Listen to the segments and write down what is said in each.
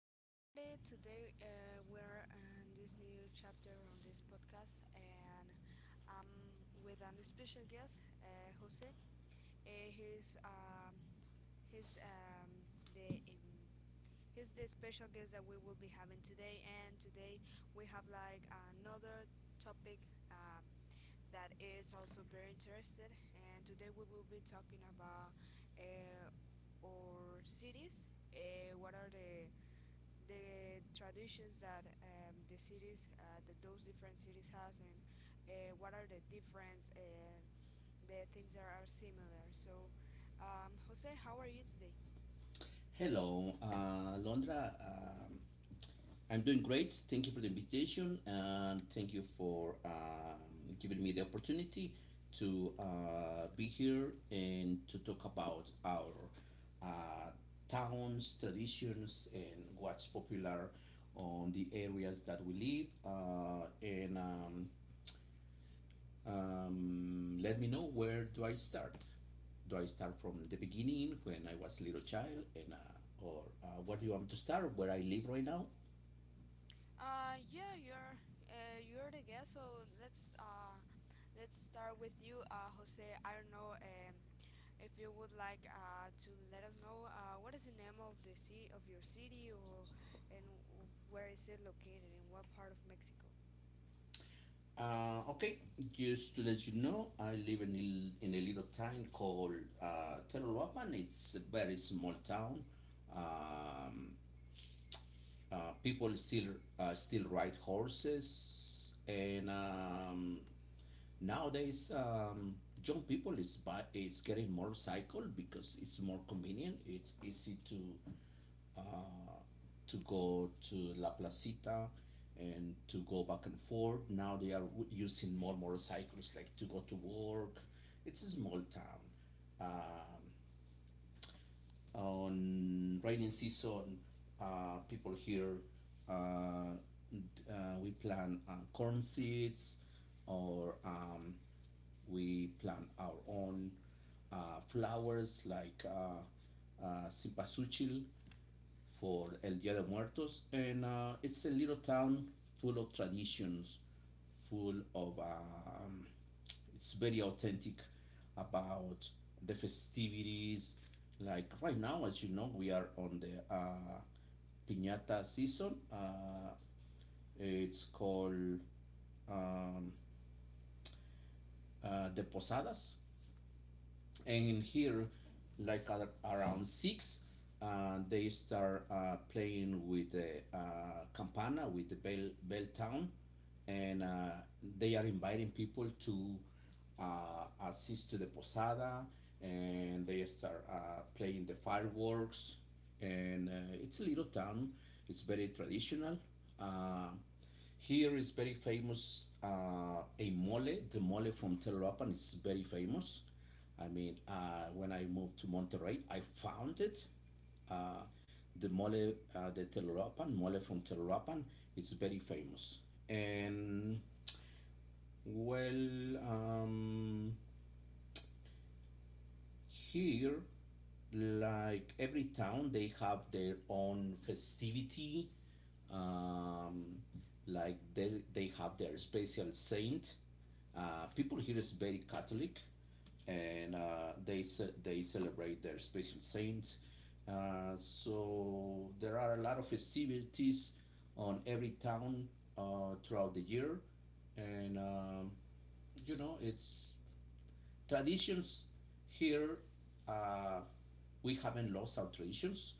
Hello, everybody. Today we're in this new chapter on this podcast, and I'm with an special guest, Jose. Uh, he's um, he's um, the um, he's the special guest that we will be having today, and today we have like another topic that is also very interested. And today we will be talking about uh, our cities. What are the traditions that the cities, that those different cities has, and what are the difference and the things that are similar. So, Jose, how are you today? Hello, Londra. I'm doing great. Thank you for the invitation and thank you for giving me the opportunity to be here and to talk about our uh, towns, traditions, and what's popular on the areas that we live. And Let me know, where do I start? Do I start from the beginning when I was a little child, and or what do you want to start? Where I live right now? Uh, yeah, you're you're the guest, so let's start with you, Jose. I don't know, if you would like to let us know what is the name of the city of your city, or and where is it located, in what part of Mexico? Okay, just to let you know, I live in in a little town called Telolapan. It's a very small town. Um, People still ride horses, and nowadays young people is getting motorcycle because it's more convenient. It's easy uh, to go to La Placita and to go back and forth. Now they are using more motorcycles like to go to work. It's a small town. Um, on rainy season, people here uh, we plant corn seeds, or we plant our own flowers like cipasuchil for El Dia de Muertos, and it's a little town full of traditions, full of it's very authentic about the festivities. Like right now, as you know, we are on the piñata season. It's called um, the Posadas. And in here, like at around six, they start playing with the campana, with the bell town, and they are inviting people to assist to the posada, and they start playing the fireworks. And it's a little town, it's very traditional. uh, Here is very famous a mole. The mole from Telerapan is very famous. I mean, when I moved to Monterrey, I found it. Uh, the mole from Telerapan is very famous. And well, here, like every town, they have their own festivity, um, like they have their special saint. People here is very catholic, and they celebrate their special saint. So there are a lot of festivities on every town throughout the year. And You know, it's traditions here, uh, we haven't lost our traditions,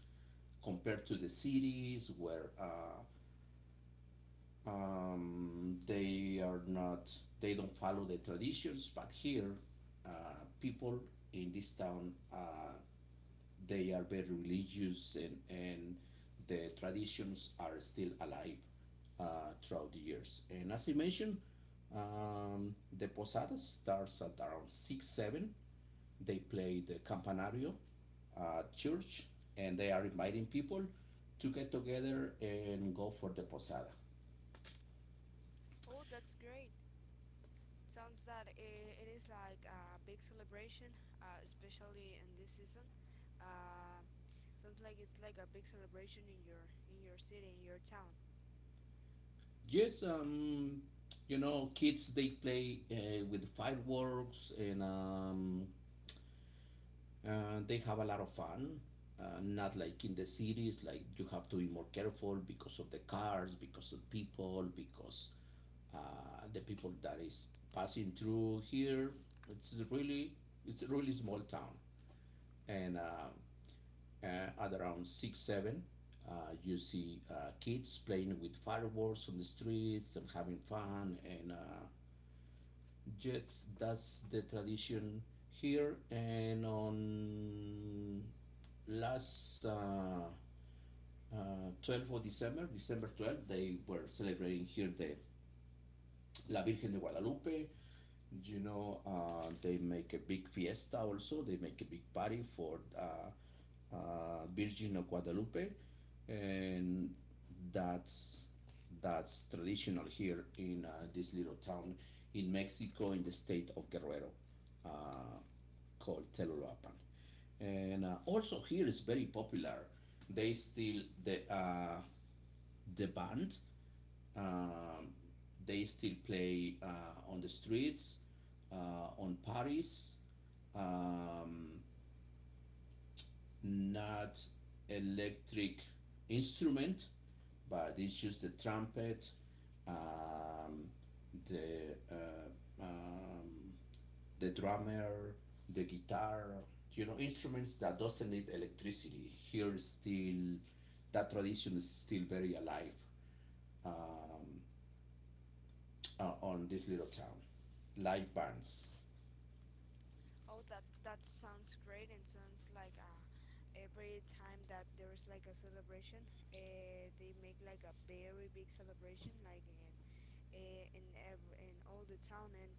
compared to the cities where they are not, they don't follow the traditions. But here, people in this town, they are very religious, and the traditions are still alive throughout the years. And as I mentioned, the posada starts at around 6 7. They play the campanario, church, and they are inviting people to get together and go for the posada. Oh, that's great. Sounds that it is like a big celebration, especially in this season. Uh, sounds like it's like a big celebration in your city, in your town. Yes, you know, kids they play with fireworks, and they have a lot of fun. Not like in the cities, like you have to be more careful because of the cars, because of people, because the people that is passing through here. It's really, it's a really small town, and uh, at around 6 7, you see kids playing with fireworks on the streets and having fun, and jets, that's the tradition here. And on last 12 of december 12 they were celebrating here the La Virgen de Guadalupe. You know, they make a big fiesta also. They make a big party for Virgin of Guadalupe, and that's that's traditional here in this little town in Mexico, in the state of Guerrero, uh, called Telolapan. And also here is very popular. They still the band, um, they still play on the streets, on Paris. Um, Not electric instrument, but it's just the trumpet, um, the uh, um, the drummer, the guitar. You know, instruments that doesn't need electricity. Here, still, that tradition is still very alive. Um, on this little town, live bands. Oh, that that sounds great, and sounds like every time that there's like a celebration, they make like a very big celebration, like in in every in all the town. And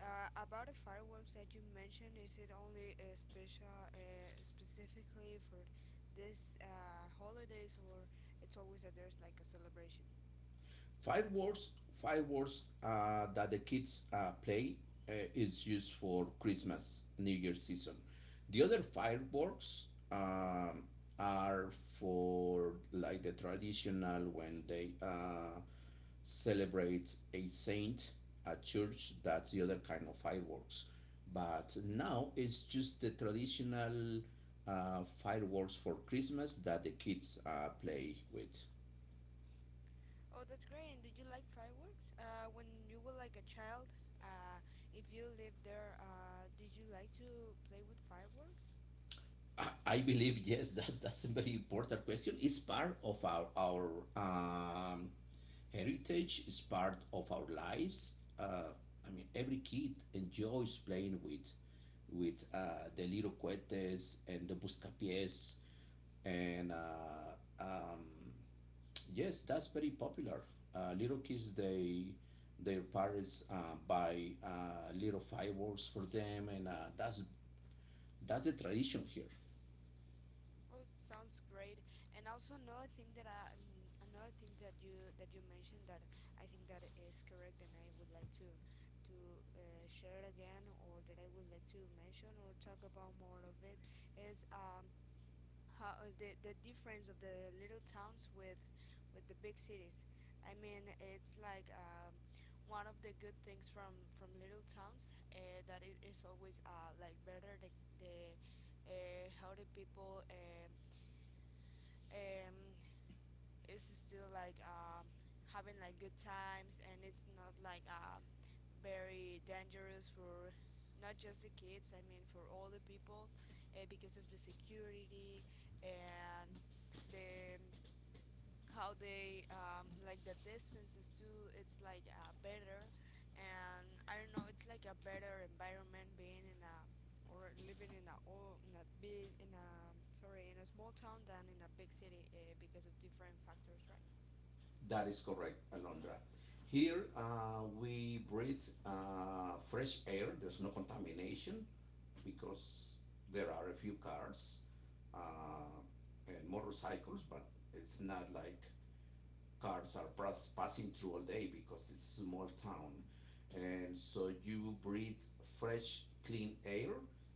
about the fireworks that you mentioned, is it only special specifically for this holidays, or it's always that there's like a celebration? Five words, five words that the kids play is used for Christmas, New Year season. The other fireworks are for like the traditional when they celebrate a saint at church. That's the other kind of fireworks. But now it's just the traditional fireworks for Christmas that the kids play with. Oh, that's great. And did you like fireworks? When you were like a child, uh, if you lived there, did you like to play with fireworks? I, believe yes, that that's a very important question. It's part of our um, heritage. It's part of our lives. I mean, every kid enjoys playing with the little cohetes and the buscapiés, and um, yes, that's very popular. Little kids, they, their parents buy little fireworks for them, and that's the tradition here. Oh, it sounds great. And also another thing that another thing that you mentioned that I think that is correct, and I would like to share it again, or that I would like to mention or talk about more of it is how the difference of the little towns with the big cities. I mean, it's like one of the good things from little towns that it is always like better the how the people um it's still like having like good times, and it's not like very dangerous for not just the kids, I mean for all the people, because of the security and the how they, like the distances too, it's like better. And I don't know, it's like a better environment being in a or living in a or in a big in a, sorry, in a small town than in a big city, because of different factors, right? That is correct, Alondra. Here we breathe fresh air. There's no contamination because there are a few cars uh, and motorcycles, but it's not like cars are passing through all day because it's a small town. And so you breathe fresh, clean air,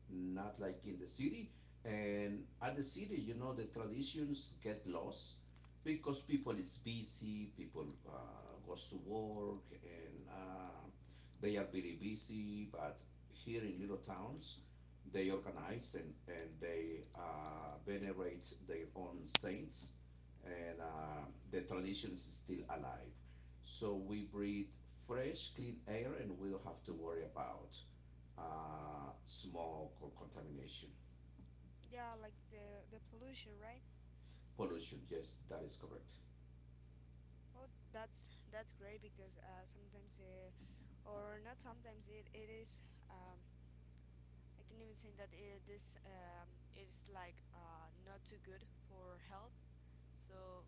not like in the city. And at the city, you know, the traditions get lost because people is busy, people goes to work, and they are very busy. But here in little towns, they organize, and they venerate their own saints, and the tradition is still alive. So we breathe fresh, clean air, and we don't have to worry about smoke or contamination. Yeah, like the pollution, right? Pollution, yes, that is correct. Oh, that's great because sometimes or not sometimes, it is, I can even say that this, is like not too good for health. So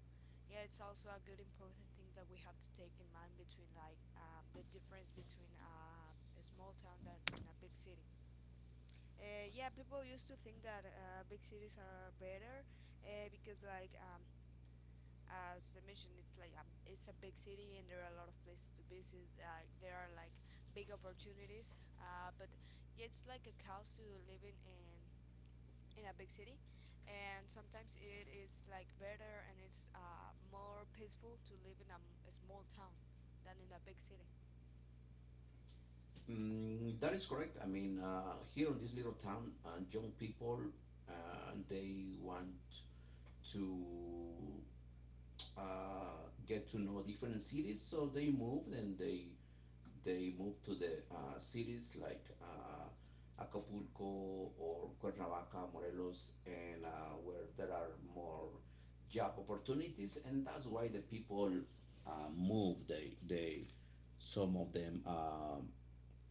yeah, it's also a good important thing that we have to take in mind between like, the difference between, a small town than in a big city. Yeah, people used to think that big cities are better, because like as I mentioned, it's like it's a big city and there are a lot of places to visit. Like there are like big opportunities, but yeah, it's like a cost to living in a big city, and sometimes it is like better and it's more peaceful to live in a small town than in a big city. Mm, that is correct. I mean, here in this little town, young people they want to uh, get to know different cities. So they moved and they moved to the cities like Acapulco or Cuernavaca, Morelos, and where there are more job opportunities. And that's why the people move. They, some of them, um,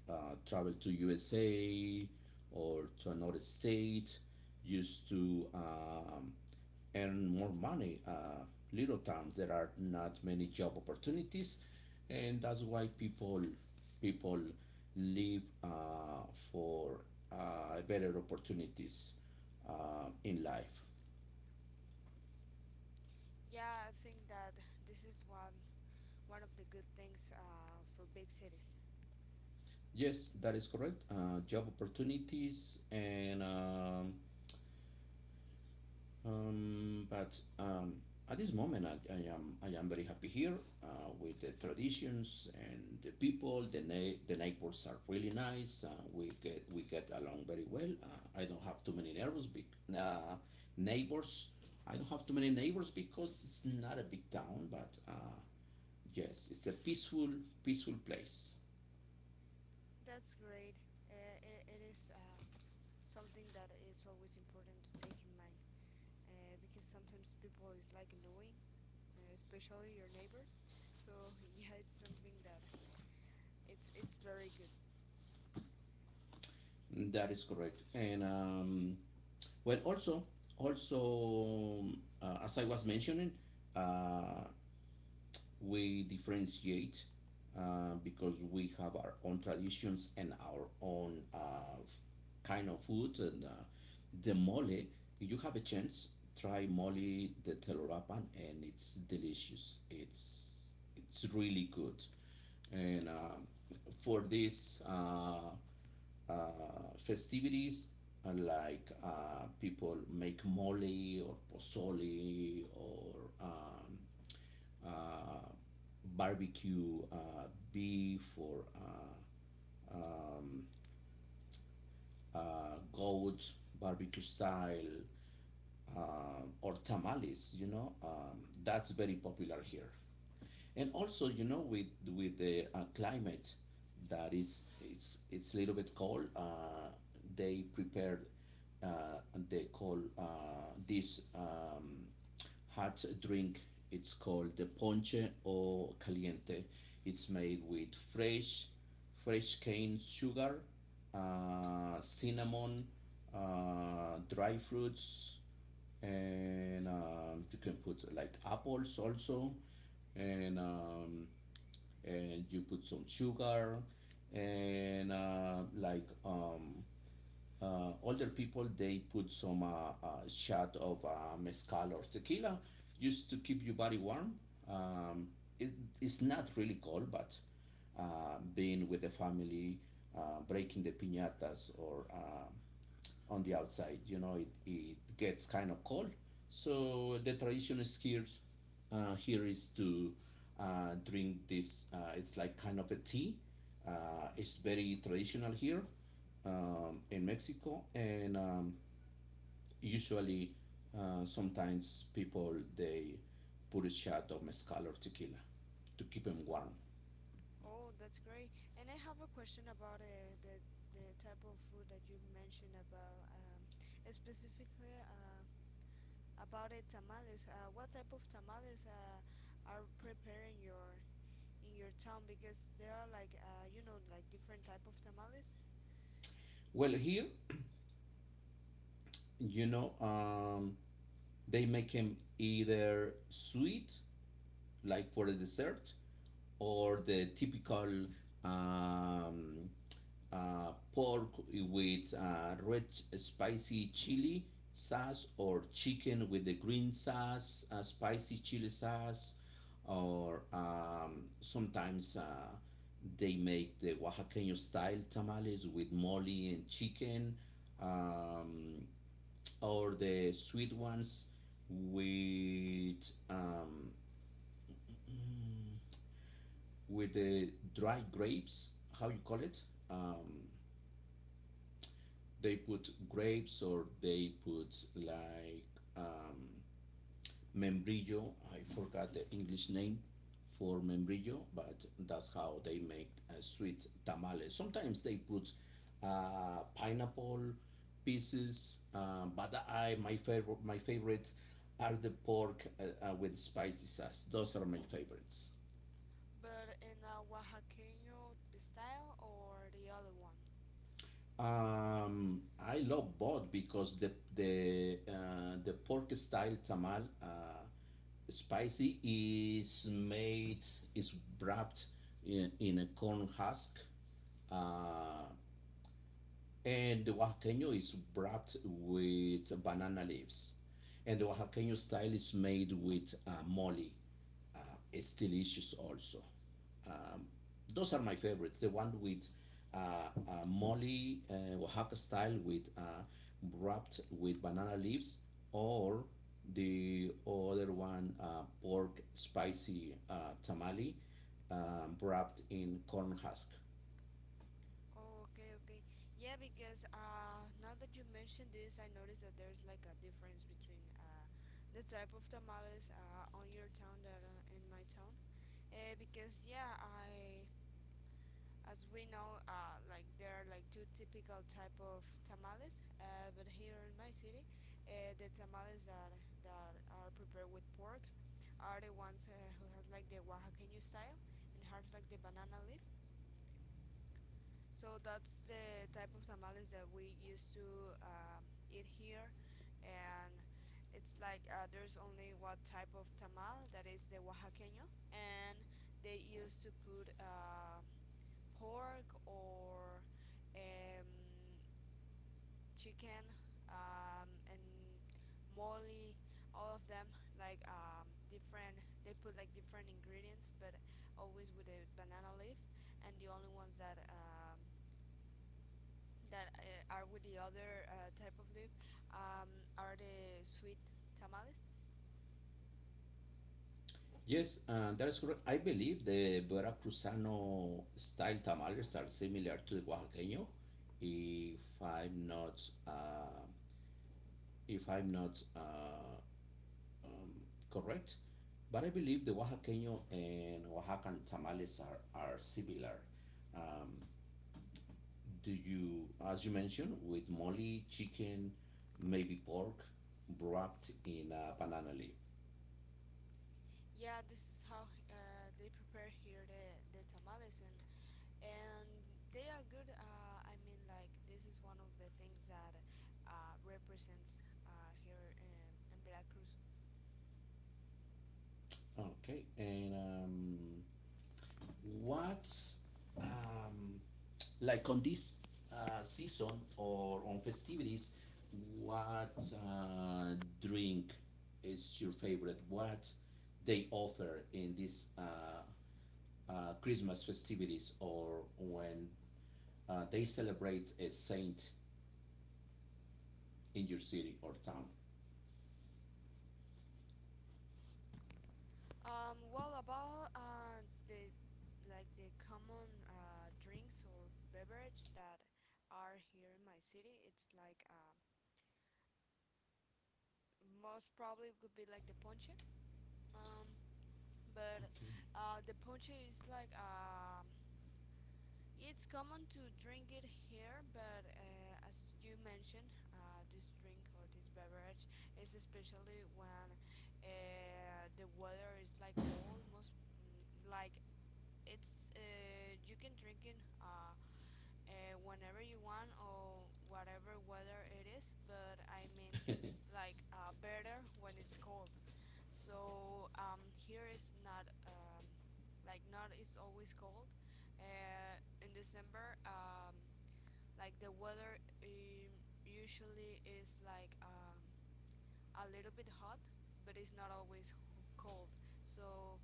uh, travel to USA or to another state just to earn more money. Little towns, there are not many job opportunities, and that's why people live for better opportunities in life. Yeah, I think that this is one of the good things for big cities. Yes, that is correct. Job opportunities and but at this moment, I am very happy here uh, with the traditions and the people. The neighbors are really nice. We get along very well. I don't have too many neighbors. Big uh, neighbors. I don't have too many neighbors because it's not a big town. But yes, it's a peaceful place. That's great. It is, something that is always important to take in mind, because sometimes people is like annoying, especially your neighbors, so yeah, it's something that it's very good. That is correct. And well, also, as I was mentioning, uh, we differentiate because we have our own traditions and our own kind of food. And the mole, if you have a chance, try mole de Telurapan, and it's delicious. It's really good. And for these uh, festivities, like people make mole or pozole or um, uh, barbecue beef or goat barbecue style, or tamales. You know, that's very popular here. And also, you know, with the climate that is, it's a little bit cold, they prepared uh, they call this hot drink. It's called the ponche or caliente. It's made with fresh cane sugar, cinnamon, dry fruits, and you can put like apples also, and um, and you put some sugar, and older people, they put some shot of mezcal or tequila, just to keep your body warm. Um, it, it's not really cold, but being with the family, breaking the piñatas or on the outside. You know, it gets kind of cold. So the tradition is here, here is to drink this. It's like kind of a tea. It's very traditional here in Mexico, and usually, sometimes people they put a shot of mezcal or tequila to keep them warm. Oh, that's great. And I have a question about the type of food that you mentioned about, specifically about the tamales. What type of tamales are preparing your in your town? Because there are like you know, like different type of tamales, Well, here, you know, they make them either sweet, like for a dessert, or the typical um, pork with red spicy chili sauce, or chicken with the green sauce, spicy chili sauce, or sometimes they make the Oaxaqueño style tamales with mole and chicken, um, or the sweet ones with um, with the dry grapes, how you call it? Um, they put mm. grapes or they put like um, membrillo. I forgot the English name for membrillo, but that's how they make a sweet tamale. Sometimes they put pineapple pieces, but I my favorite are the pork with spicy sauce. Those are my favorites. But in a Oaxaqueño style or the other one? I love both because the pork style tamal spicy is made is wrapped in a corn husk, uh, and the oaxaqueño is wrapped with banana leaves. And the oaxaqueño style is made with mole. Uh, it's delicious also. Um, those are my favorites. The one with mole, uh, Oaxaca style with wrapped with banana leaves, or the other one, pork spicy tamale, wrapped in corn husk. Oh, okay, okay. Yeah, because now that you mentioned this, I noticed that there's like a difference between the type of tamales on your town that in my town. Because yeah, I as we know, like there are like two typical type of tamales. But here in my city, the tamales that are prepared with pork are the ones who has like the Oaxaqueño style and has like the banana leaf. So that's the type of tamales that we used to eat here, and it's like there's only one type of tamal that is the oaxaqueño, and they used to put pork or um, chicken, and moly, all of them like, different. They put like different ingredients, but always with a banana leaf, and the only ones that are with the other type of leaf, are the sweet tamales. Yes, that's correct. I believe the Veracruzano style tamales are similar to the Oaxaqueño, if I'm not uh, if I'm not um, correct. But I believe the Oaxaqueño and Oaxacan tamales are similar. Um, do you, as you mentioned, with mole, chicken, maybe pork, wrapped in a banana leaf. Yeah, this is how they prepare here the tamales, and they are good. I mean, like this is one of the things that represents here in Veracruz. Okay, and what's um, like on this season or on festivities? What uh, drink is your favorite? What they offer in these Christmas festivities, or when they celebrate a saint in your city or town? Well, about the like the common drinks or beverage that are here in my city, it's like most probably would be like the ponche. Um, but Okay. The ponche is like it's common to drink it here, but as you mentioned, this drink or this beverage is especially when the weather is like cold. Most mm, like it's you can drink it whenever you want or whatever weather it is. But I mean, it's like better when it's cold. So here is not, like not, it's always cold. In December, like the weather usually is like a little bit hot, but it's not always cold. So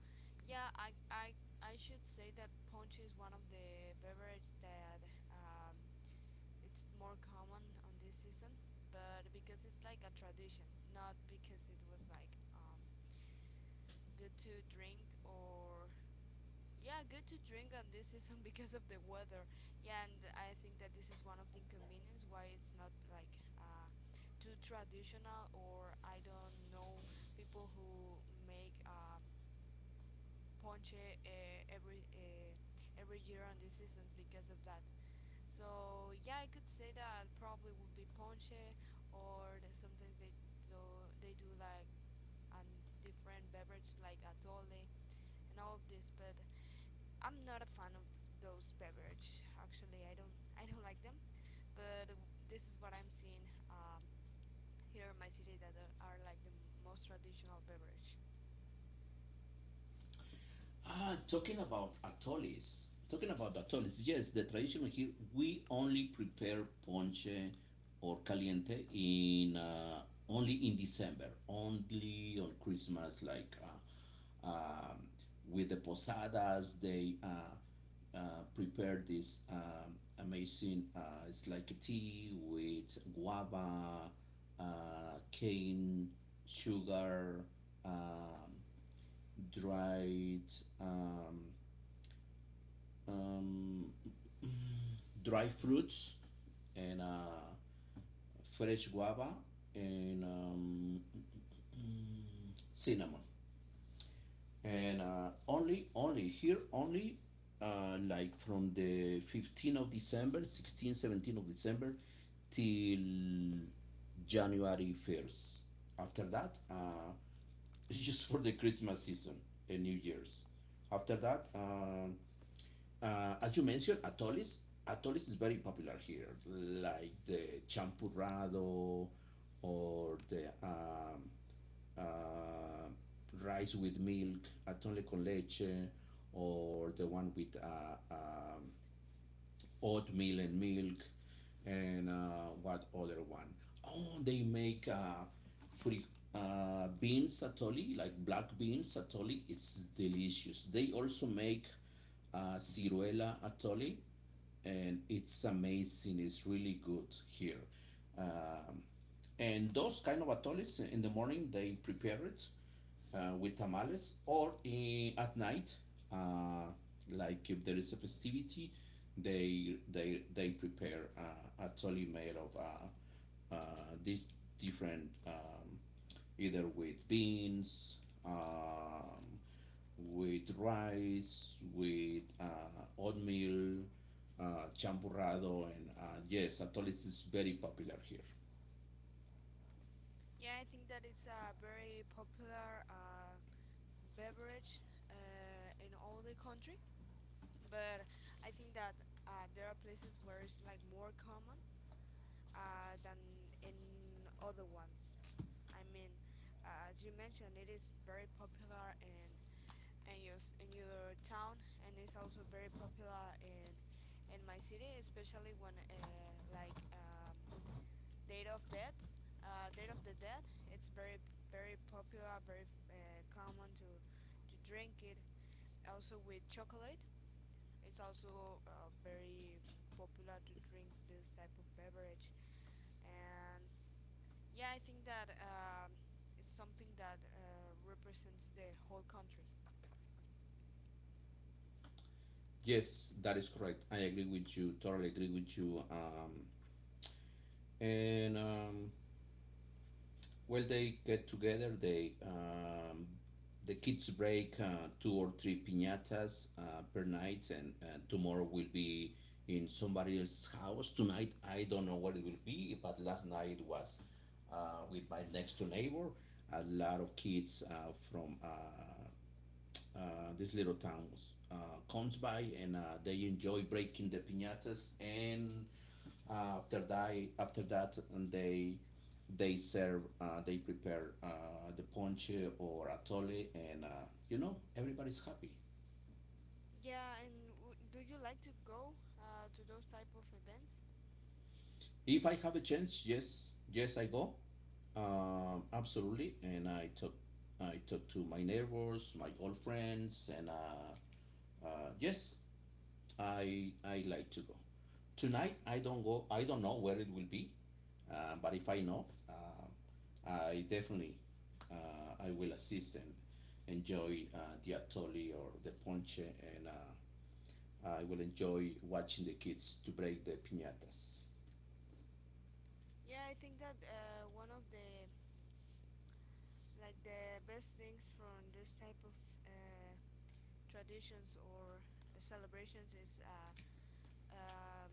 yeah, I should say that punch is one of the beverage that, um, it's more common on this season, but because it's like a tradition, not because it was like. Good to drink or yeah, good to drink on this season because of the weather. Yeah, and I think that this is one of the inconvenience why it's not like too traditional, or I don't know, people who make ponche every year on this season because of that. So yeah, I could say that probably would be ponche or sometimes do they do like a different beverage like atole and all of this, but I'm not a fan of those beverages. Actually, I don't I don't like them. But this is what I'm seeing here in my city that are like the most traditional beverage. Ah, talking about atolis, yes, the tradition here, we only prepare ponche or caliente in only in December, only on Christmas, like uh, um, with the posadas, they prepare this amazing, it's like a tea with guava, cane, sugar, um, dried um, um, dry fruits, and fresh guava, and cinnamon, and uh, only here, only like from the 15th of December, 16, 17 of December, till January 1st. After that, it's just for the Christmas season and New Year's. After that, as you mentioned, atolis. Atolis is very popular here, like the champurrado or the uh, rice with milk, atole con leche, or the one with oatmeal and milk, and what other one? Oh, they make free beans satoli, like black beans satoli. It's delicious. They also make ciruela atoli, and it's amazing. It's really good here. Um, and those kind of atoles in the morning, they prepare it with tamales, or in, at night uh, like if there is a festivity, they prepare a totally made of these different, either with beans, um, with rice, with oatmeal, champurrado. And yes, atoles is very popular here. Yeah, I think that it's a very popular beverage in all the country. But I think that there are places where it's like more common than in other ones. I mean, as you mentioned, it is very popular in in your town, and it's also very popular in my city, especially when Date of Death, Date of the Dead. It's very popular, very common to drink it. Also with chocolate, it's also very popular to drink this type of beverage. And yeah, I think that, it's something that represents the whole country. Yes, that is correct. I agree with you. Totally agree with you. And Well, they get together. The kids break two or three piñatas per night, and tomorrow will be in somebody else's house. Tonight, I don't know what it will be, but last night was with my next door neighbor. A lot of kids from these little towns comes by, and they enjoy breaking the piñatas. And uh, after that and they serve, they prepare the ponche or atole. And you know, everybody's happy. Yeah, and do you like to go to those type of events? If I have a chance, yes, yes, I go. Absolutely. And I talk to my neighbors, my old friends, and yes, I like to go. Tonight, I don't go. I don't know where it will be, but if I know, I definitely, I will assist and enjoy the atole or the ponche. And I will enjoy watching the kids to break the piñatas. Yeah, I think that one of the like the best things from this type of uh, traditions or celebrations is, um,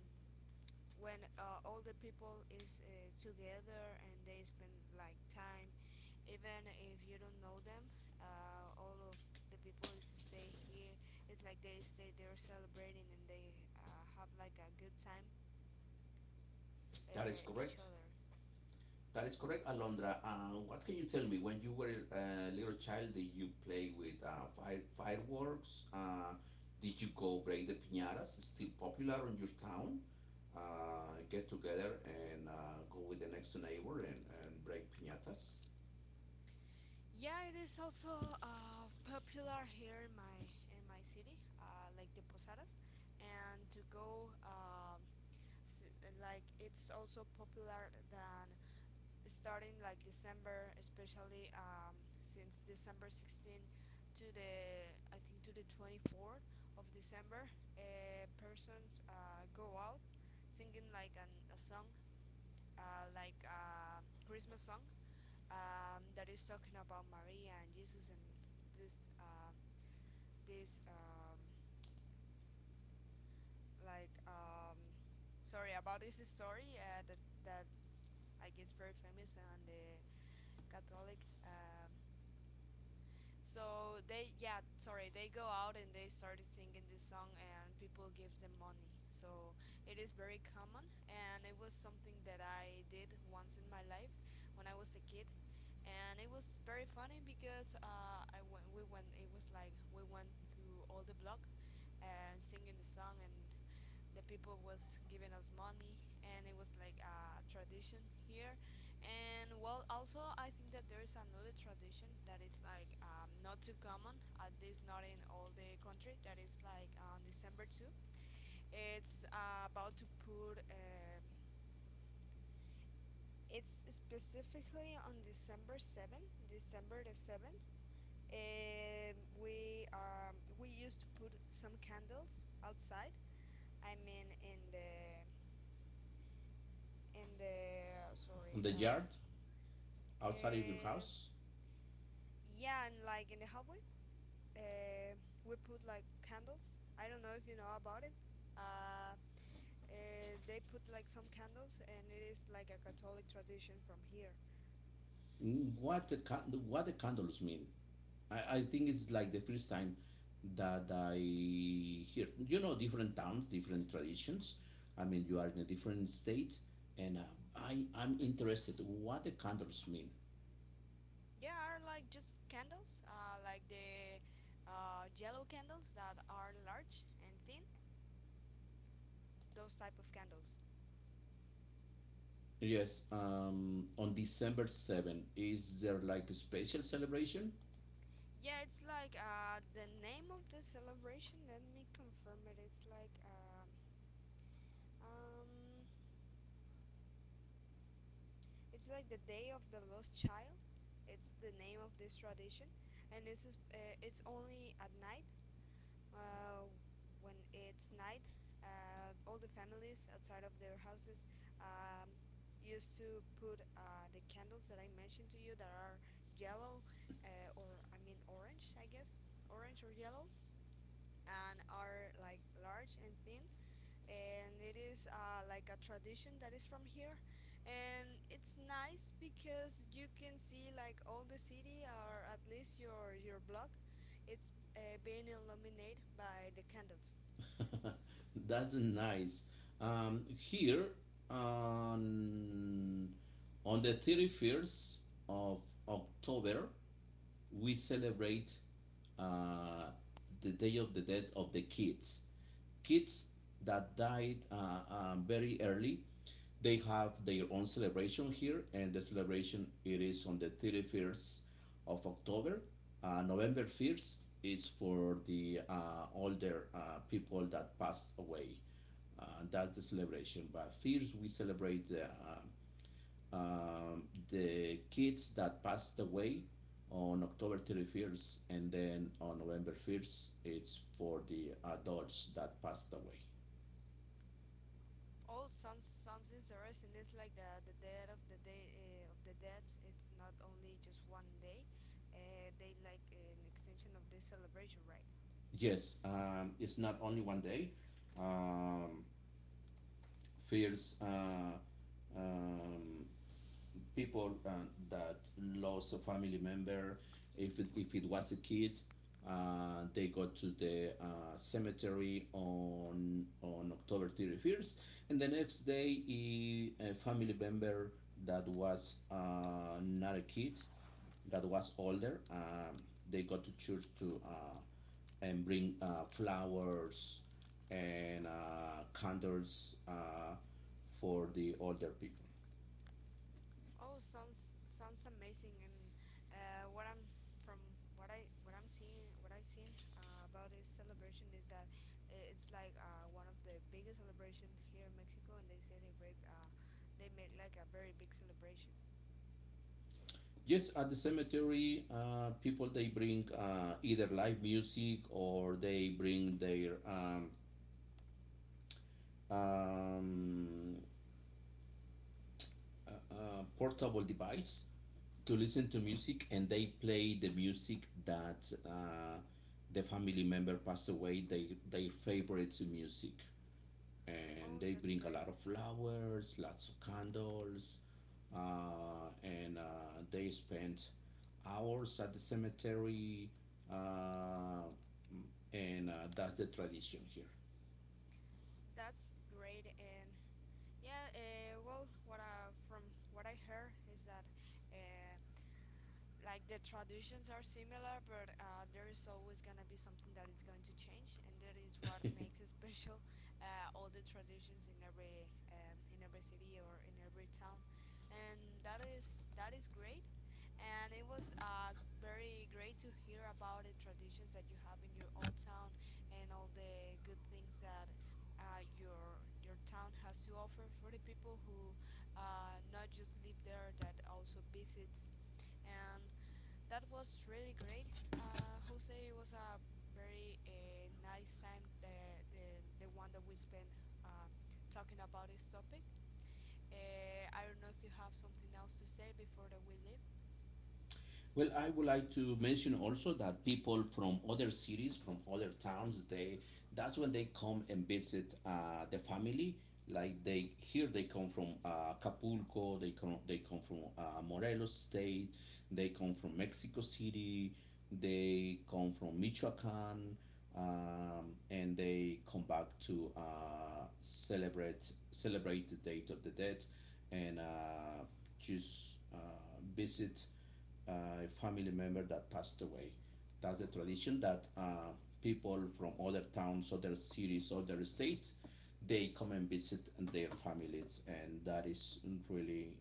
when all the people is together and they spend like time, even if you don't know them. All of the people is stay here. It's like they stay there celebrating and they have like a good time That is each correct. other. That is correct, Alondra. What can you tell me? When you were a little child, did you play with fire, fireworks? Did you go break the piñatas? Still popular in your town? Get together and go with the next neighbor and break piñatas Yeah, it is also popular here in my city, like the posadas, and to go s- like it's also popular than starting like December, especially since December 16 to the I think to the 24th of December, persons go out singing like a song, like a Christmas song that is talking about Maria and Jesus and this this um, like, sorry, about this story that that like it's very famous and the Catholic. So they, yeah, sorry, they go out and they started singing this song and people gives them money. So it is very common and it was something that I did once in my life when I was a kid. And it was very funny because we went. It was like we went to all the block and singing the song, and the people was giving us money, and it was like a tradition here. And well, also I think that there is another tradition that is like not too common, at least not in all the country. That is like on December two. It's about to put. It's specifically on December 7th, December the 7th. We used to put some candles outside. I mean, in the in the on sorry, the uh, yard outside of your uh, house. yeah, and like in the hallway, uh, we put like candles. I don't know if you know about it. Uh, they put like some candles, and it is like a Catholic tradition from here. Mm, what the, what the candles mean? I think it's like the first time that I hear. You know, different towns, different traditions. I mean, you are in a different state, and I'm interested what the candles mean. Yeah, are like just candles, like the yellow candles that are large and thin. Those type of candles. Yes, on December 7th, is there like a special celebration? Yeah, it's like the name of the celebration, let me confirm it. Um it's like the Day of the Lost Child. It's the name of this tradition and this is it's only at night. Uh when it's night, all the families outside of their houses um used to put the candles that I mentioned to you that are yellow, or orange, I guess. Orange or yellow, and are like large and thin, and it is like a tradition that is from here, and it's nice because you can see like all the city, or at least your block, it's being illuminated by the candles. That's nice. Here on on the 31st of October, we celebrate uh, the Day of the death of the kids. Kids that died very early, they have their own celebration here, and the celebration it is on the 31st of October. November 1st is for the older people that passed away, does the celebration. But first, we celebrate the kids that passed away on October 31st, and then on November 1st, it's for the adults that passed away. Oh, sounds interesting. It's like the dead of the day of the dead It's not only just one day, they like an extension of this celebration, right? Yes, it's not only one day. Um, First, um, people that lost a family member, if it was a kid, they go to the cemetery on October 31st. And the next day, a family member that was not a kid, that was older, they go to church to and bring flowers, and candles, for the older people. Oh, sounds amazing. And what I'm from what I what I'm seeing what I've seen about this celebration is that it's like one of the biggest celebration here in Mexico, and they celebrate they make like a very big celebration. Yes, at the cemetery, people, they bring either live music, or they bring their um, portable device to listen to music, and they play the music that the family member passed away. They, their favorite music. And Oh, they that's bring a great. lot of flowers, lots of candles, and they spend hours at the cemetery. Uh, and That's the tradition here. That's great. And yeah, well, what I from what I heard is that uh, like the traditions are similar, but there is always gonna be something that is going to change, and that is what makes it special. All the traditions in every city or in every town, and that is great. And it was very great to hear about the traditions that you have in your old town and all the good things that your town has to offer for the people who not just live there, that also visits, and that was really great. Jose, it was a very nice time, the the one that we spent uh, talking about this topic. I don't know if you have something else to say before that we leave. Well, I would like to mention also that people from other cities, from other towns, they that's when they come and visit the family. Like they here, they come from Acapulco, they come from Morelos State, they come from Mexico City, they come from Michoacan, and they come back to uh, celebrate the Date of the Dead, and just visit family member that passed away. That's a tradition that people from other towns, other cities, other states, they come and visit their families. And that is really,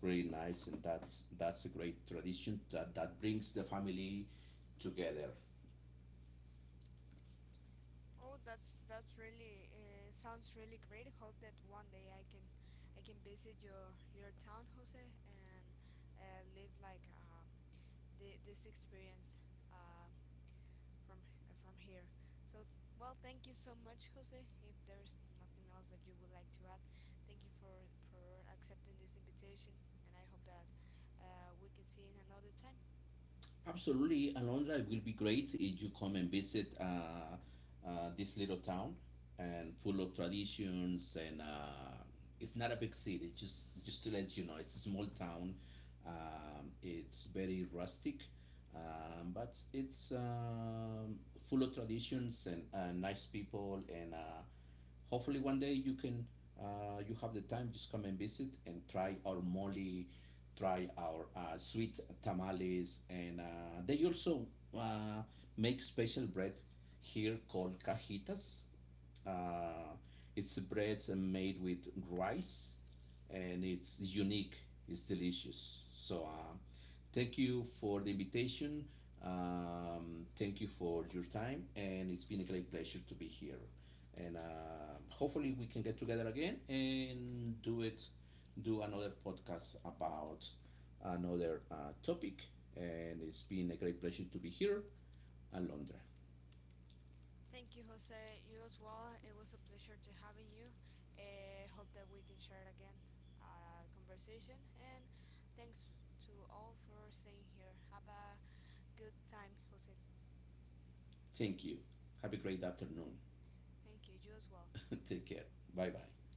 really nice. And that's a great tradition, that brings the family together. Oh, that's really, sounds really great. Hope that one day I can, I can visit your town, Jose, and live like this experience. Uh, from here. So, well, thank you so much, Jose. If there's nothing else that you would like to add, thank you for accepting this invitation, and I hope that we can see in another time. Absolutely, Alondra, it will be great if you come and visit this little town and full of traditions. And it's not a big city. Just to let you know, it's a small town. It's very rustic, but it's full of traditions, and nice people and. Hopefully one day you can, you have the time, just come and visit and try our mole, try our sweet tamales. And they also uh, make special bread here called cajitas. uh, it's breads made with rice, and it's unique. It's delicious. So thank you for the invitation. Thank you for your time, and it's been a great pleasure to be here. And hopefully we can get together again and do it, do another podcast about another topic. And it's been a great pleasure to be here, Alondra. Thank you, Jose. You as well. It was a pleasure to having you. I hope that we can share again a, conversation, and thanks to all for staying here. Have a good time, Jose. Thank you. Have a great afternoon. Thank you. You as well. Take care. Bye bye.